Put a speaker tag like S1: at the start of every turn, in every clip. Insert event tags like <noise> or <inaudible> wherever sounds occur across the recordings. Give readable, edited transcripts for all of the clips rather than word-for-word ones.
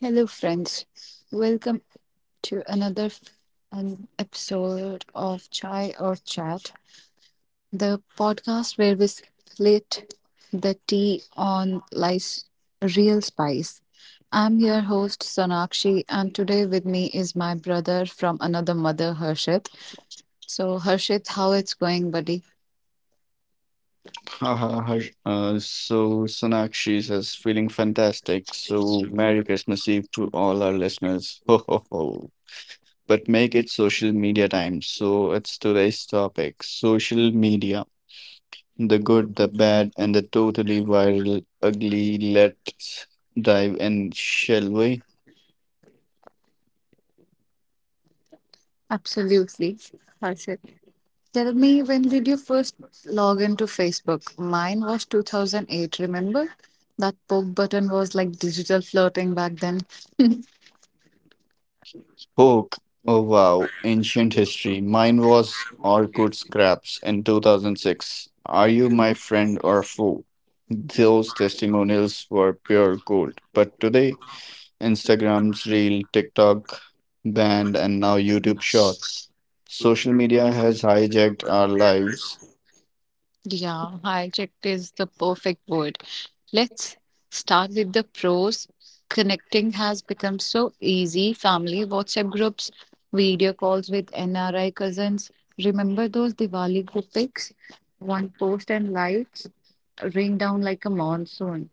S1: Hello, friends. Welcome to an episode of Chai or Chat, the podcast where we split the tea on life's real spice. I'm your host, Sonakshi, and today with me is my brother from another mother, Harshit. So, Harshit, how it's going, buddy?
S2: Haha, so Sonakshi says, feeling fantastic. So Merry Christmas Eve to all our listeners. <laughs> Ho ho ho. But make it social media time. So it's today's topic, social media. The good, the bad, and the totally viral, ugly. Let's dive in, shall we?
S1: Absolutely, Harshit. Tell me, when did you first log into Facebook? Mine was 2008, remember? That poke button was like digital flirting back then.
S2: Hook. Oh wow, ancient history. Mine was Orkut Scraps in 2006. Are you my friend or foe? Those testimonials were pure gold. But today, Instagram's Reel, TikTok banned, and now YouTube Shorts. Social media has hijacked our lives.
S1: Yeah, hijacked is the perfect word. Let's start with the pros. Connecting has become so easy. Family WhatsApp groups, video calls with NRI cousins. Remember those Diwali group pics? One post and likes rain down like a monsoon.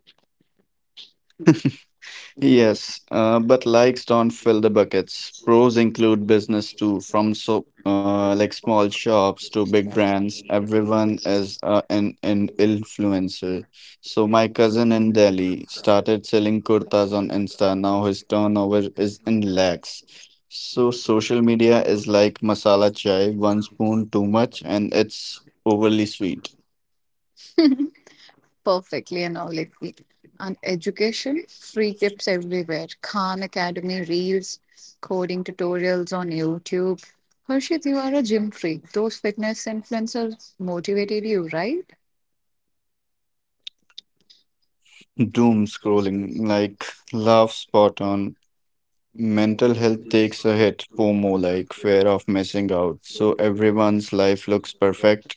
S2: Yes, but likes don't fill the buckets. Pros include business too, from like small shops to big brands. Everyone is an influencer. So my cousin in Delhi started selling kurtas on Insta. Now his turnover is in lakhs. So social media is like masala chai, one spoon too much, and it's overly sweet.
S1: Perfectly analogically. And education, free tips everywhere. Khan Academy reels, coding tutorials on YouTube. Harshit, you are a gym freak. Those fitness influencers motivated you, right?
S2: Doom scrolling, like laugh spot on. Mental health takes a hit, FOMO, like fear of missing out. So everyone's life looks perfect.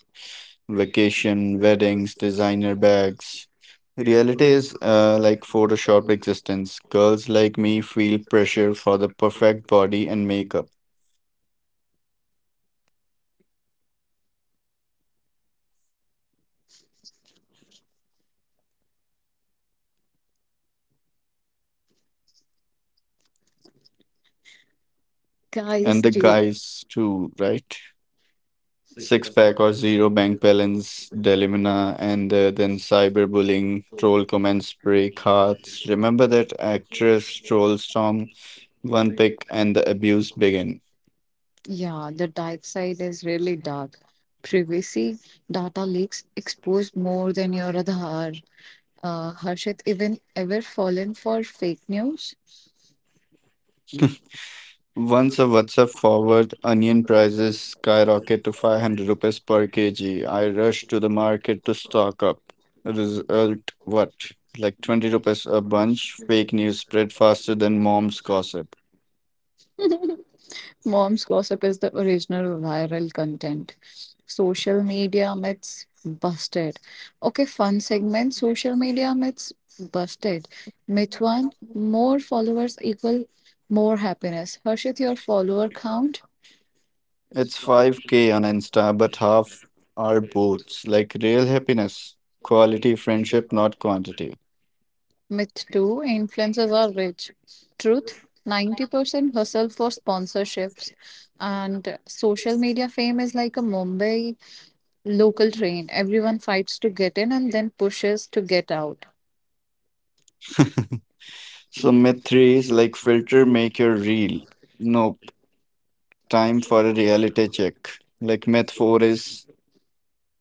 S2: Vacation, weddings, designer bags. Reality is like Photoshop existence. Girls like me feel pressure for the perfect body and makeup.
S1: Guys,
S2: And the
S1: chill.
S2: guys too, right? Six pack or zero bank balance, dilemma, and then cyberbullying, troll comments break hearts. Remember that actress troll storm? One pick and the abuse begin.
S1: Yeah, the dark side is really dark. Privacy, data leaks exposed more than your Aadhaar. Harshit, even ever fallen for fake news?
S2: Once a WhatsApp forward, onion prices skyrocket to 500 rupees per kg. I rush to the market to stock up. Result what? Like 20 rupees a bunch. Fake news spread faster than mom's gossip.
S1: Mom's Gossip is the original viral content. Social media myths busted. Okay, fun segment. Social media myths busted. Myth one, more followers equal more happiness. Harshit, your follower count.
S2: It's 5k on Insta, but half are boots. Like real happiness, quality friendship, not quantity.
S1: Myth two, influencers are rich. Truth, 90% hustle for sponsorships. And social media fame is like a Mumbai local train. Everyone fights to get in and then pushes to get out.
S2: So myth three is like filter make your real. Nope. Time for a reality check. Like myth four is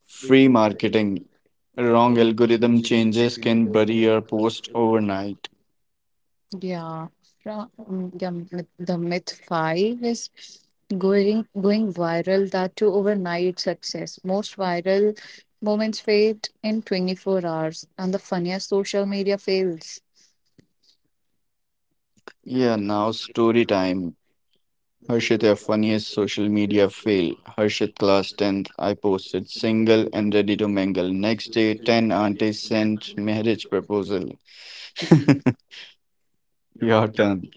S2: free marketing. Wrong algorithm changes can bury your post overnight.
S1: Yeah, the myth five is going viral, that to overnight success. Most viral moments fade in 24 hours, and the funniest social media fails.
S2: Yeah, now story time. Harshit, your funniest social media fail. Harshit, class 10th, I posted single and ready to mingle. Next day, 10 aunties sent marriage proposal. <laughs> Your turn.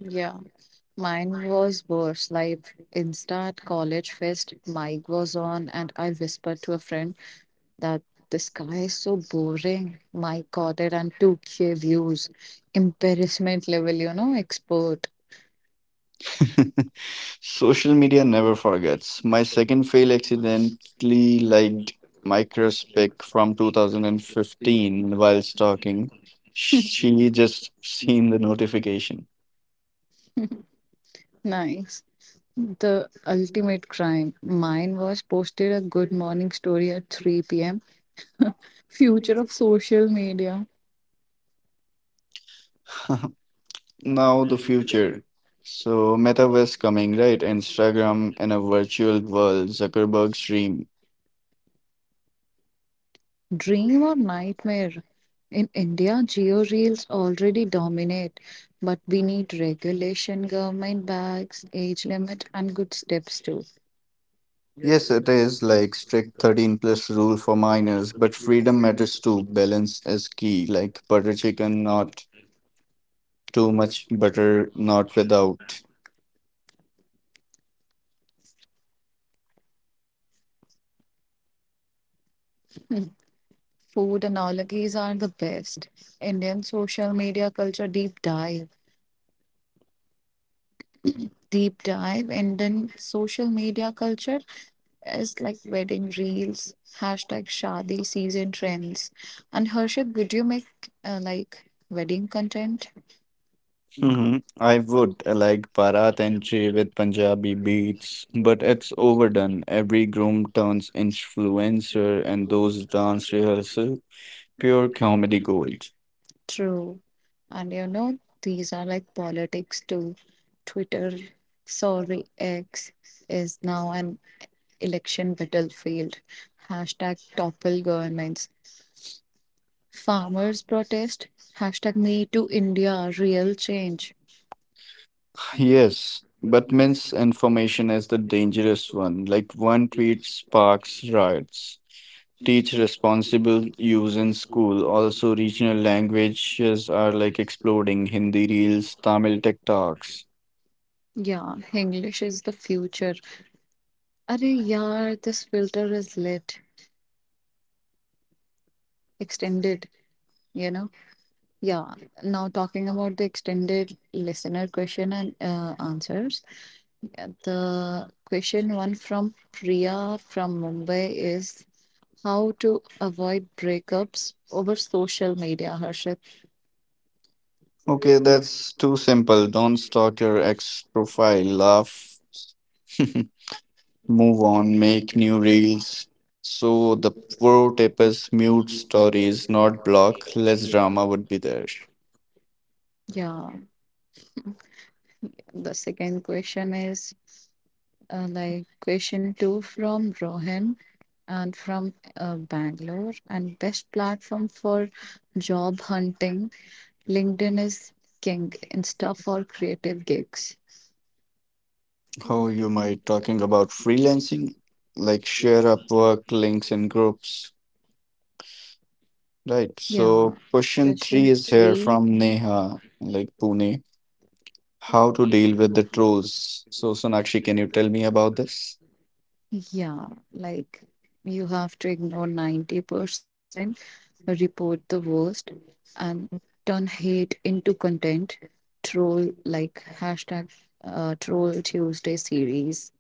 S1: Yeah, mine was worse. Like Insta at college fest, mic was on, and I whispered to a friend that the sky is so boring. My God, it and 2K views, embarrassment level, expert.
S2: <laughs> Social media never forgets. My second fail accidentally liked Microspic from 2015 while stalking. She just seen the notification.
S1: Nice. The ultimate crime. Mine was posted a good morning story at 3 p.m. Future of social media.
S2: <laughs> Now the future. So metaverse coming, right? Instagram and a virtual world, Zuckerberg's dream.
S1: Dream or nightmare? In India, geo reels already dominate, but we need regulation, government bags, age limit, and good steps too.
S2: Yes, it is like strict 13 plus rule for minors, but freedom matters too. Balance is key, like butter chicken, not too much butter, not without.
S1: Food analogies are the best. Indian social media culture deep dive. Deep dive, and then social media culture is like wedding reels, hashtag Shadi season trends. And Harshit, would you make like wedding content?
S2: Hmm, I would I like Bharat entry with Punjabi beats, but it's overdone. Every groom turns influencer, and those dance rehearsal, pure comedy gold.
S1: True. And you know, these are like politics too. Twitter, sorry, X is now an election battlefield. Hashtag topple governments. Farmers protest. Hashtag me to India, real change.
S2: Yes, but misinformation is the dangerous one. Like one tweet sparks riots. Teach responsible use in school. Also, regional languages are like exploding. Hindi reels, Tamil TikToks.
S1: Yeah, English is the future. Arey yaar, this filter is lit, extended, you know? Yeah, now talking about the extended listener question and answers. Yeah, the question one from Priya from Mumbai is how to avoid breakups over social media, Harshit.
S2: Okay, that's too simple. Don't stalk your ex profile. Laugh. <laughs> Move on. Make new reels. So the pro tip is mute stories, not block. Less drama would be there.
S1: Yeah, the second question is. Like, question two from Rohan and from Bangalore. And best platform for job hunting. LinkedIn is king. Insta for creative gigs.
S2: Oh, you might talking about freelancing, like share Upwork links in groups, right?
S1: Yeah.
S2: So question three
S1: Question
S2: is here
S1: three.
S2: from Neha, like Pune. How to deal with the trolls? So Sonakshi, can you tell me about this?
S1: Yeah. Like, you have to ignore 90%, report the worst, and turn hate into content. Troll like hashtag Troll Tuesday series.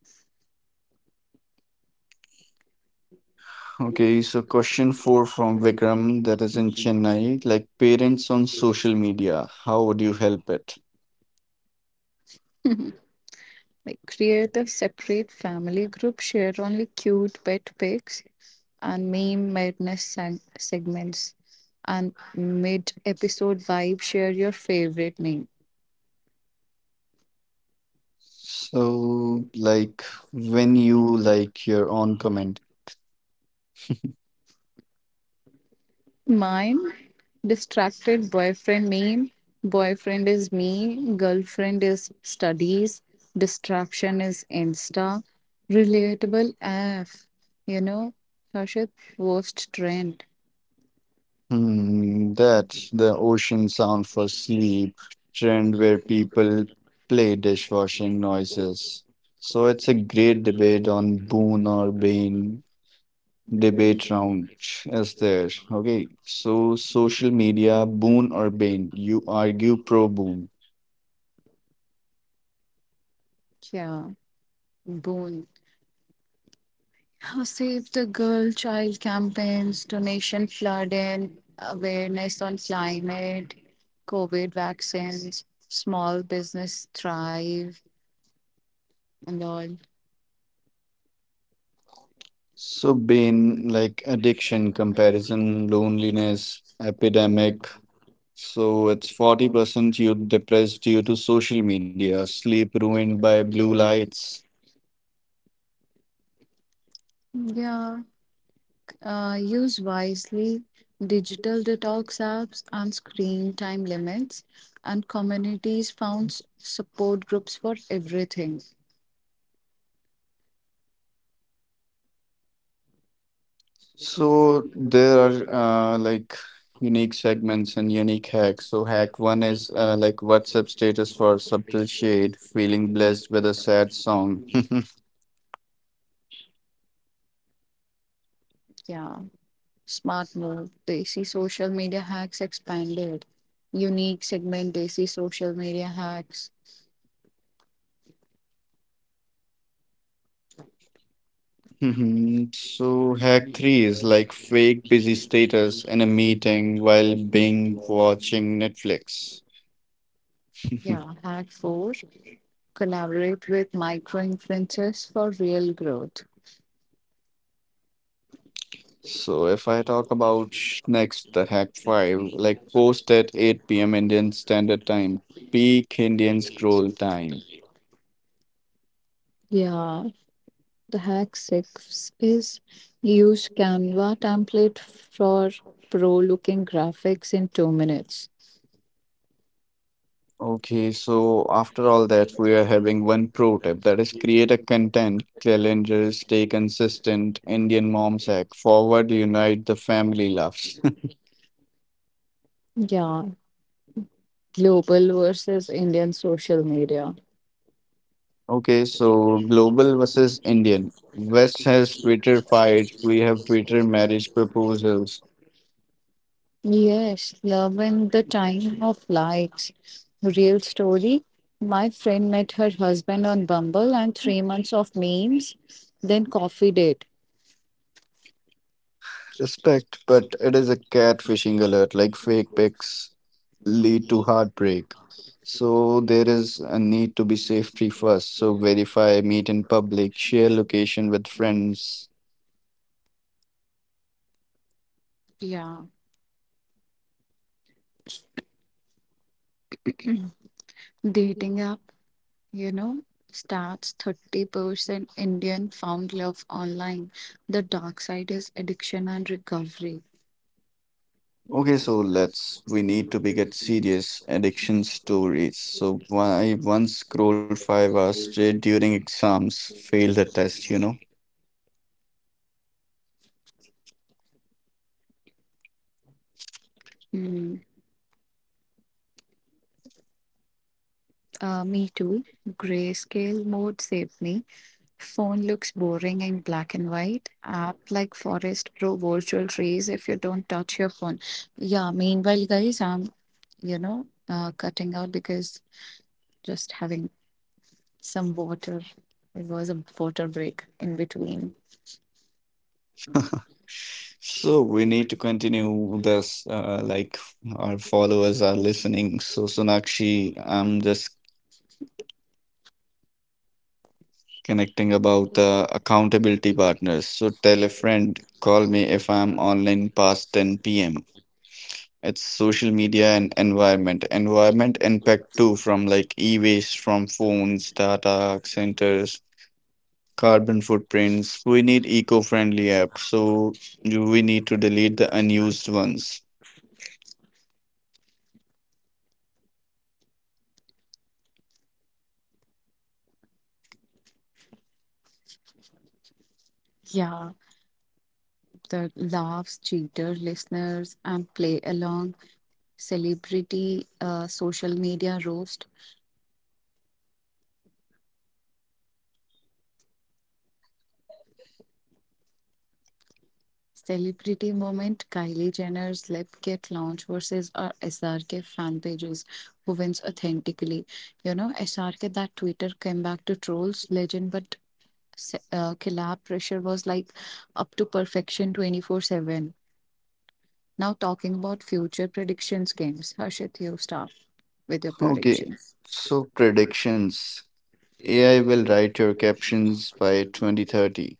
S2: Okay, so question four from Vikram, that is in Chennai, like parents on social media, how would you help it?
S1: Like create a separate family group, share only cute pet pics and meme madness segments. And mid episode vibe, share your favorite meme.
S2: So, like when you like your own comment.
S1: Mine, distracted boyfriend meme. Boyfriend is me, girlfriend is studies, distraction is Insta. Relatable F, you know, Harshit, worst trend.
S2: Hmm, that's the ocean sound for sleep trend where people play dishwashing noises. So it's a great debate on boon or bane debate round is there. Okay, so social media, boon or bane, you argue pro boon.
S1: Yeah, boon. Save the Girl Child campaigns, donation flooding, awareness on climate, COVID vaccines, small business thrive, and all.
S2: So bane like addiction, comparison, loneliness, epidemic. So it's 40% youth depressed due to social media, sleep ruined by blue lights.
S1: Yeah, use wisely, digital detox apps and screen time limits, and communities found support groups for everything.
S2: So there are like unique segments and unique hacks. So hack one is like WhatsApp status for subtle shade, feeling blessed with a sad song. <laughs>
S1: Yeah. Smart move. Desi social media hacks expanded. Unique segment Desi social media hacks.
S2: Mhm. So hack three is like fake busy status in a meeting while being watching Netflix. <laughs>
S1: Yeah, hack four. Collaborate with micro influencers for real growth.
S2: So if I talk about next the hack five, like post at 8 p.m. Indian Standard Time, peak Indian scroll time.
S1: Yeah, the hack six is use Canva template for pro looking graphics in 2 minutes.
S2: Okay, so after all that, we are having one pro tip that is create a content calendar, stay consistent, Indian mom's hack, forward, unite the family loves. <laughs>
S1: Yeah, global versus Indian social media.
S2: Okay, so global versus Indian. West has Twitter fights, we have Twitter marriage proposals.
S1: Yes, love in the time of likes. Real story. My friend met her husband on Bumble and 3 months of memes, then coffee date.
S2: Respect, but it is a catfishing alert. Like fake pics lead to heartbreak. So there is a need to be safety first. So verify, meet in public, share location with friends.
S1: Yeah, dating app, you know, stats, 30% Indian found love online. The dark side is addiction and recovery.
S2: Okay, so let's we need to be get serious addiction stories. So why I once scrolled 5 hours straight during exams, failed a test, you know?
S1: Hmm. Me too. Grayscale mode saved me. Phone looks boring in black and white. App like Forest Pro, virtual trees if you don't touch your phone. Yeah, meanwhile, guys, I'm, cutting out because just having some water. It was a water break in between.
S2: <laughs> So we need to continue this, like our followers are listening. So Sonakshi, I'm just connecting about the accountability partners. So tell a friend, call me if I'm online past 10 p.m. It's social media and environment. Environment impact too, from like e-waste from phones, data centers, carbon footprints. We need eco-friendly apps. So you- we need to delete the unused ones.
S1: Yeah, the laughs, cheater listeners, and play along, celebrity, social media roast. Celebrity moment Kylie Jenner's lip kit launch versus our SRK fan pages. Who wins authentically? You know, SRK, that Twitter came back to trolls, legend, but collab pressure was like up to perfection 24/7. Now, talking about future predictions games, Harshit, you start with your
S2: Okay,
S1: predictions.
S2: so predictions. AI will write your captions by 2030.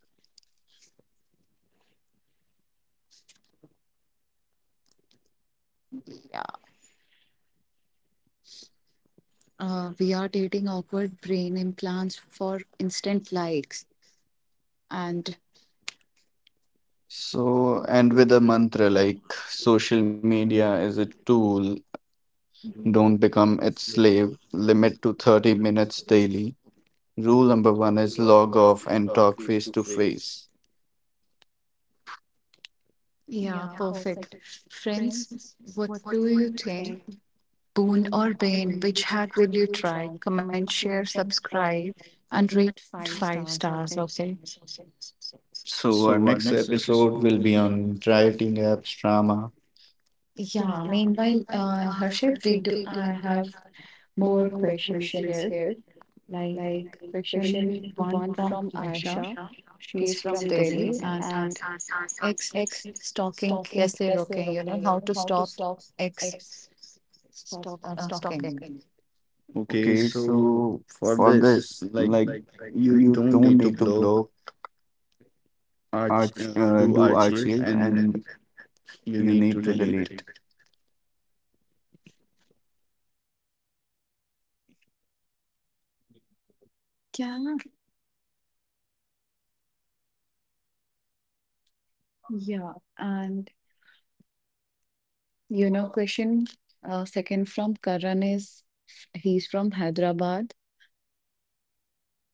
S1: Yeah. We are dating awkward brain implants for instant likes. And
S2: So, and with a mantra like social media is a tool, don't become its slave, limit to 30 minutes daily. Rule number one is log off and talk face to face.
S1: yeah,
S2: Yeah, perfect.
S1: perfect.
S2: Friends,
S1: Friends, what
S2: what
S1: do
S2: do
S1: you
S2: you
S1: think?
S2: take
S1: Boon
S2: to
S1: or bane? Which
S2: which
S1: hack will
S2: will
S1: you
S2: you
S1: try?
S2: try?
S1: Comment,
S2: Comment,
S1: share,
S2: share,
S1: subscribe,
S2: subscribe,
S1: and
S2: and
S1: rate
S2: rate
S1: five
S2: five
S1: stars,
S2: stars. Okay.
S1: okay?
S2: So our next episode will be on dieting apps drama.
S1: Yeah,
S2: Yeah,
S1: meanwhile,
S2: like Rashid,
S1: Harshit, we
S2: we
S1: do,
S2: do.
S1: I
S2: I
S1: have
S2: have
S1: more
S2: more
S1: questions
S2: questions
S1: here.
S2: here.
S1: Like
S2: Like question
S1: question one
S2: one
S1: from
S2: from
S1: Asha.
S2: Aisha.
S1: She's
S2: She's
S1: from
S2: from
S1: Delhi
S2: Delhi,
S1: and
S2: and
S1: ex
S2: X
S1: stalking
S2: stalking. That's
S1: kaise
S2: the
S1: roke?
S2: word.
S1: You know, how to
S2: How to
S1: stop
S2: stop
S1: ex
S2: X
S1: stalking.
S2: stalking. Okay, so for this, like you don't need to block, arch do archive and you need to delete. Yeah, yeah. And you know, question second from Karan is he's from Hyderabad.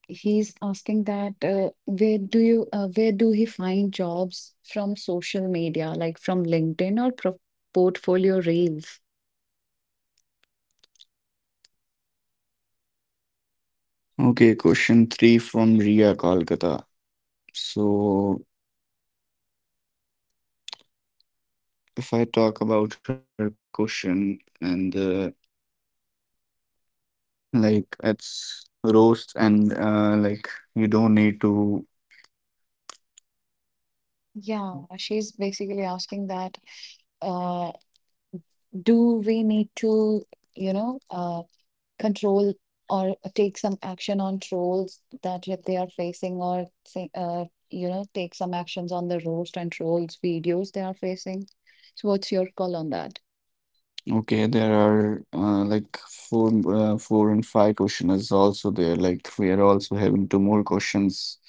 S2: He's asking that where do you where do he find jobs from social media, like from LinkedIn or portfolio reels? Okay, question three from Ria Kolkata. So, if I talk about her question and like it's roast and like you don't need to. Yeah, she's basically asking that uh, do we need to, you know, uh. Control or take some action on trolls that yet they are facing or say, take some actions on the roast and trolls videos they are facing. So what's your call on that? Okay, there are like four, four and five questioners also there. Like we are also having two more questions.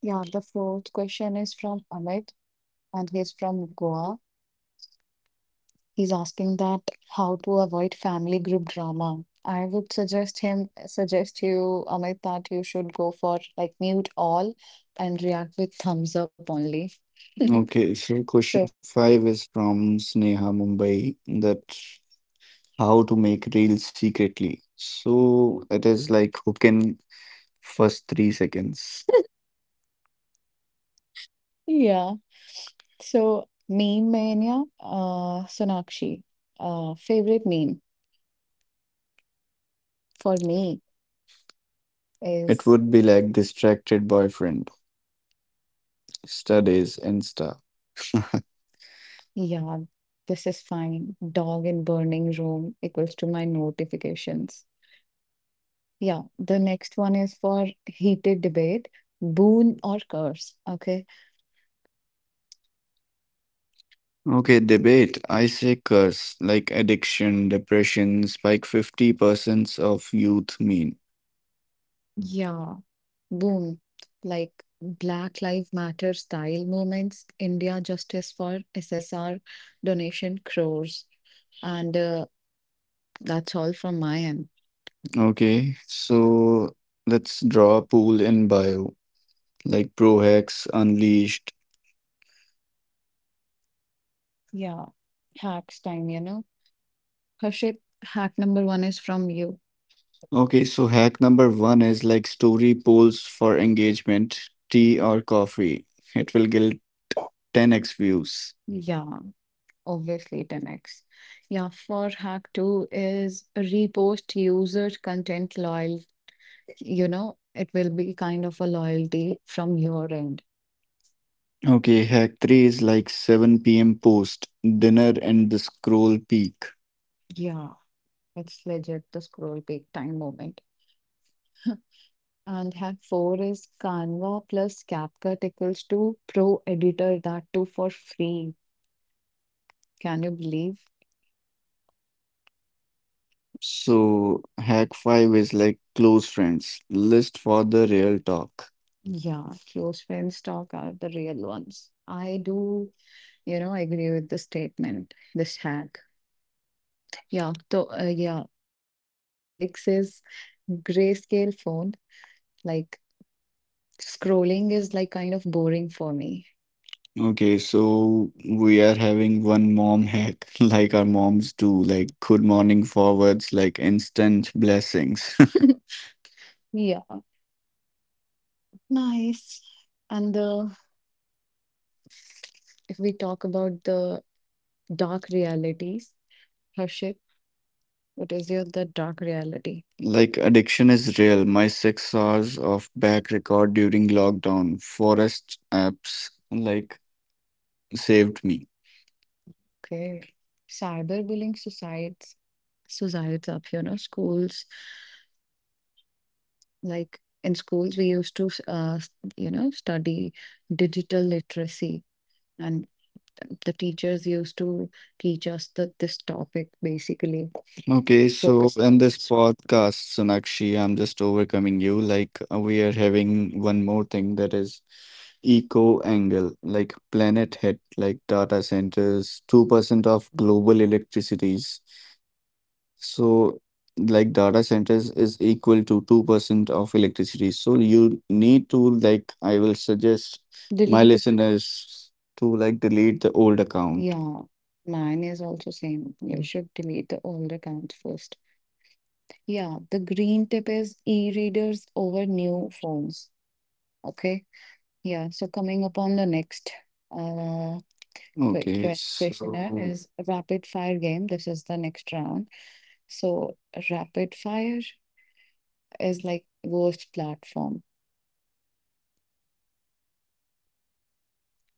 S2: Yeah, the fourth question is from Amit and he's from Goa. He's asking that how to avoid family group drama. I would suggest him suggest you, Amit, that you should go for like mute all and react with thumbs up only. <laughs> Okay, so question so five is from Sneha Mumbai, that how to make reels secretly. So it is like who can first 3 seconds. <laughs> Yeah. So meme mania, Sonakshi. Favorite meme for me. It is would be like distracted boyfriend, studies, Insta. <laughs> Yeah, this is fine. Dog in burning room equals to my notifications. Yeah, the next one is for heated debate, boon or curse. Okay. Okay, debate. I say curse, like addiction, depression, spike 50% of youth mean. Yeah, boom. Like Black Lives Matter style movements, India Justice for SSR donation crores. And that's all from my end. Okay, so let's draw a pool in bio, like Pro Hacks Unleashed. Yeah, hacks time, you know. Harshit, hack number one is from you. Okay, so hack number one is like story polls for engagement, tea or coffee. It will guilt 10x views. Yeah, obviously 10x. Yeah, for hack two is repost user content loyal. You know, it will be kind of a loyalty from your end. Okay, hack 3 is like 7 p.m. post, dinner and the scroll peak. Yeah, it's legit the scroll peak time moment. <laughs> And hack four is Canva plus CapCut equals to pro editor that too for free. Can you believe? So, hack five is like close friends, list for the real talk. Yeah, close friends talk are the real ones. I do, you know, agree with the statement, this hack. Yeah, so the hack six is grayscale phone. Like scrolling is like kind of boring for me. Okay, so we are having one mom hack, <laughs> like our moms do, like good morning forwards, like instant blessings. <laughs> Yeah, nice. And the if we talk about the dark realities, Harshit, what is your the dark reality? Like addiction is real. My 6 hours of back record during lockdown. Forest apps like saved me. Okay. Cyberbullying societies up here, no schools. Like in schools, we used to, you know, study digital literacy and the teachers used to teach us the, this topic basically. Okay, so focusing in on this one. Podcast, Sonakshi, I'm just overcoming you. Like, we are having one more thing that is eco angle, like planet hit, like data centers, 2% of global electricities. So, like data centers is equal to 2% of electricity. So you need to, like, I will suggest my Delete. Listeners to, like, delete the old account. Yeah, mine is also same. You should delete the old accounts first. Yeah, the green tip is e-readers over new phones. Okay. Yeah, so coming upon the next uh quick, Okay, questioner, so is a rapid fire game. This is the next round. So rapid fire is like worst platform.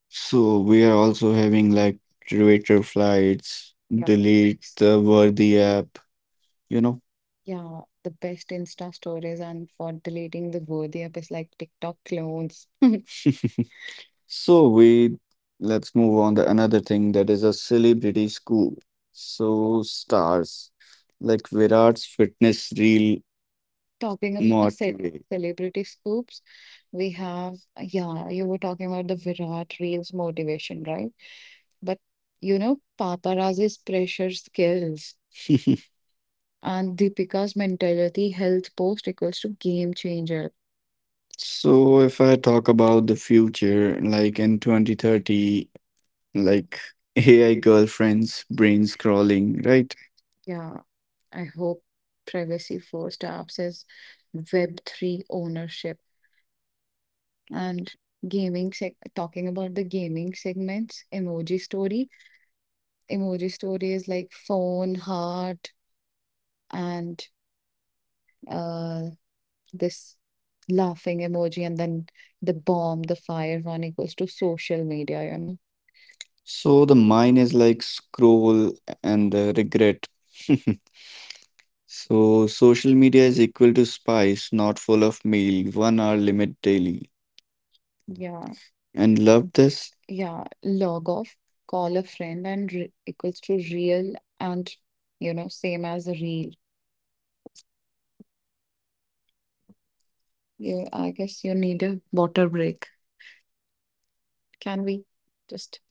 S2: So we are also having like Twitter flights. Yeah, delete the worthy app, you know. Yeah, the best Insta stories and for deleting the worthy app is like TikTok clones. <laughs> <laughs> So we Let's move on to another thing that is a celebrity scoop. So stars like Virat's fitness reel. Talking about, Not ce really, celebrity scoops, we have, yeah, you were talking about the Virat Reels motivation, right? But paparazzi's pressure skills <laughs> and Deepika's mentality health post equals to game changer. So if I talk about the future, like in 2030, like AI girlfriends, brain scrolling, right? Yeah, I hope privacy first apps is Web3 ownership. And gaming seg talking about the gaming segments, emoji story. Emoji story is like phone, heart, and uh this laughing emoji, and then the bomb, the fire one equals to social media, So the mine is like scroll and the regret. <laughs> So social media is equal to spice, not full of meal, 1 hour limit daily. Yeah, and love this. Yeah. Log off, call a friend, and re equals to real and, same as a reel. Yeah, I guess you need a water break. Can we just?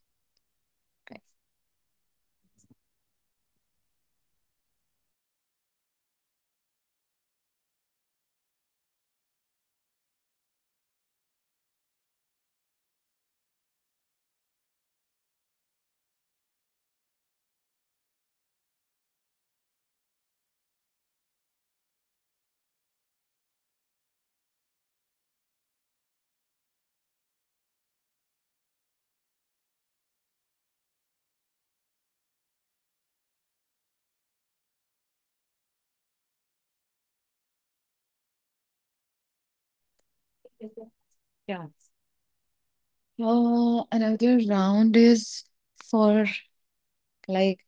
S2: Yeah. Another round is for, like,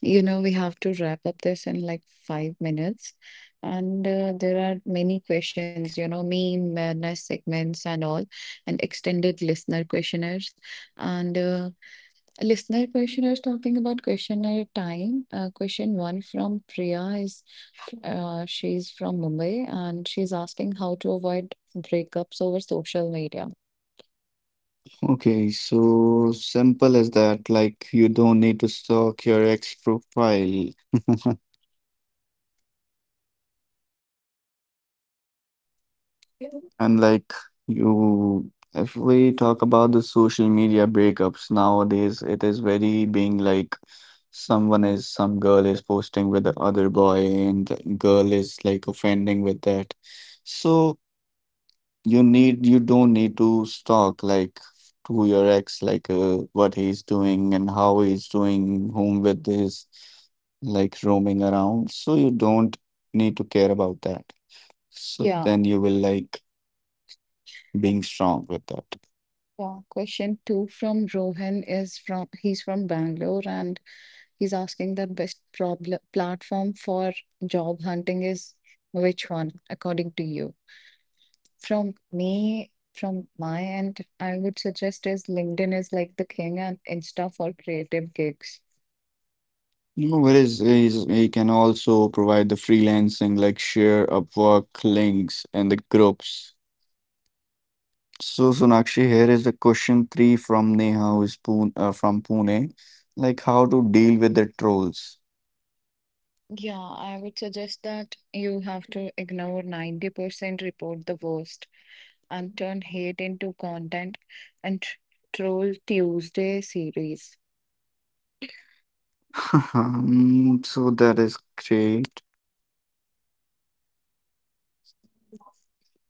S2: you know, we have to wrap up this in like 5 minutes, and there are many questions, you know, mean madness segments and all, and extended listener questionnaires, and listener questionnaires, talking about questionnaire time. Question one from Priya is, she's from Mumbai and she's asking how to avoid breakups over social media. Okay, so simple as that. Like, you don't need to stalk your ex profile. <laughs> And like you, if we talk about the social media breakups nowadays, it is very being like someone is, some girl is posting with the other boy, and the girl is like offending with that. So you need, you don't need to stalk, like, to your ex, like, what he's doing and how he's doing, whom with his like roaming around. So you don't need to care about that. So, yeah, then you will like being strong with that. Yeah, question two from Rohan is, from he's from Bangalore and he's asking the best problem platform for job hunting is which one, according to you? From me, from my end, I would suggest is LinkedIn is like the king and Insta for creative gigs. You know, whereas is he can also provide the freelancing, like share Upwork links and the groups. So Sonakshi, here is a question three from Neha, who is Pune, from Pune. Like, how to deal with the trolls? Yeah, I would suggest that you have to ignore 90%, report the worst, and turn hate into content and troll Tuesday series. <laughs> So that is great.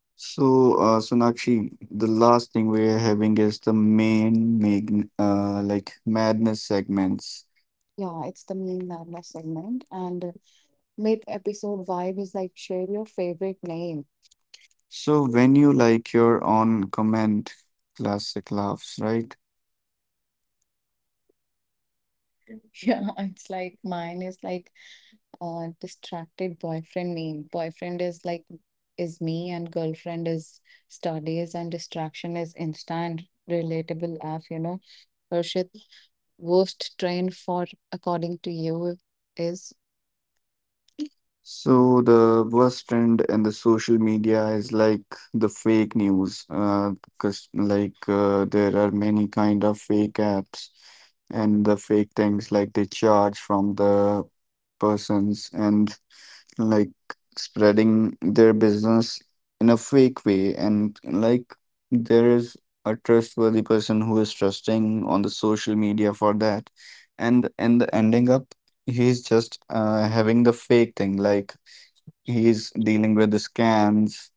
S2: So, Sonakshi, the last thing we are having is the main mag, like madness segments. Yeah, it's the main Lavna segment. And mid episode vibe is like share your favorite name. So when you like your own comment, classic laughs, right? Yeah, <laughs> it's like mine is like distracted boyfriend name. Boyfriend is like is me, and girlfriend is studies, and distraction is Insta, and relatable laugh, you know. Harshit, worst train for, according to you, is. So the worst trend in the social media is like the fake news, 'cause like there are many kind of fake apps, and the fake things like they charge from the persons, and like spreading their business in a fake way, and like there is a trustworthy person who is trusting on the social media for that, and ending up he's just having the fake thing, like he's dealing with the scams,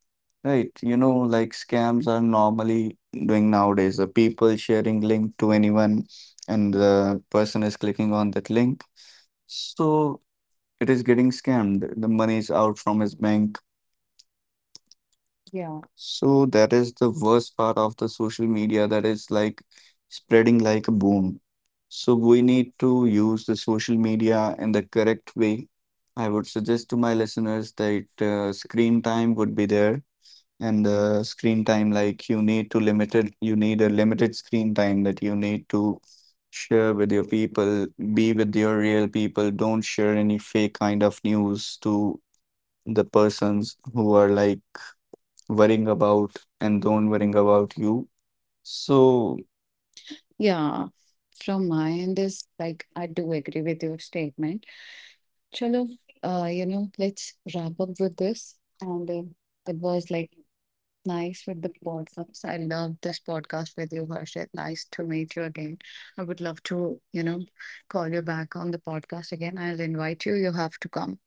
S2: right? You know, like scams are normally doing nowadays, the people sharing link to anyone and the person is clicking on that link. So it is getting scammed, the money is out from his bank. Yeah, so that is the worst part of the social media, that is like spreading like a boom. So we need to use the social media in the correct way. I would suggest to my listeners that screen time would be there, and the screen time like you need to limited, you need a limited screen time that you need to share with your people. Be with your real people, don't share any fake kind of news to the persons who are like worrying about and don't worrying about you. So, yeah, from my end is like I do agree with your statement. Chalo, you know, let's wrap up with this. And it was like nice with the podcast. I love this podcast with you, Harshit. Nice to meet you again. I would love to, you know, call you back on the podcast again. I'll invite you. You have to come.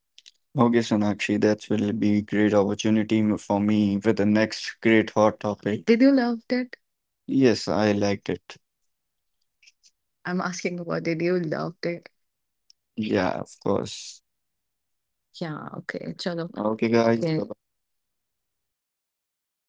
S2: Okay, Sonakshi, that will be great opportunity for me with the next great hot topic. Did you love it? Yes, I liked it. I'm asking about did you love it? Yeah, of course. Yeah, okay. Chalo. Okay, guys. Okay.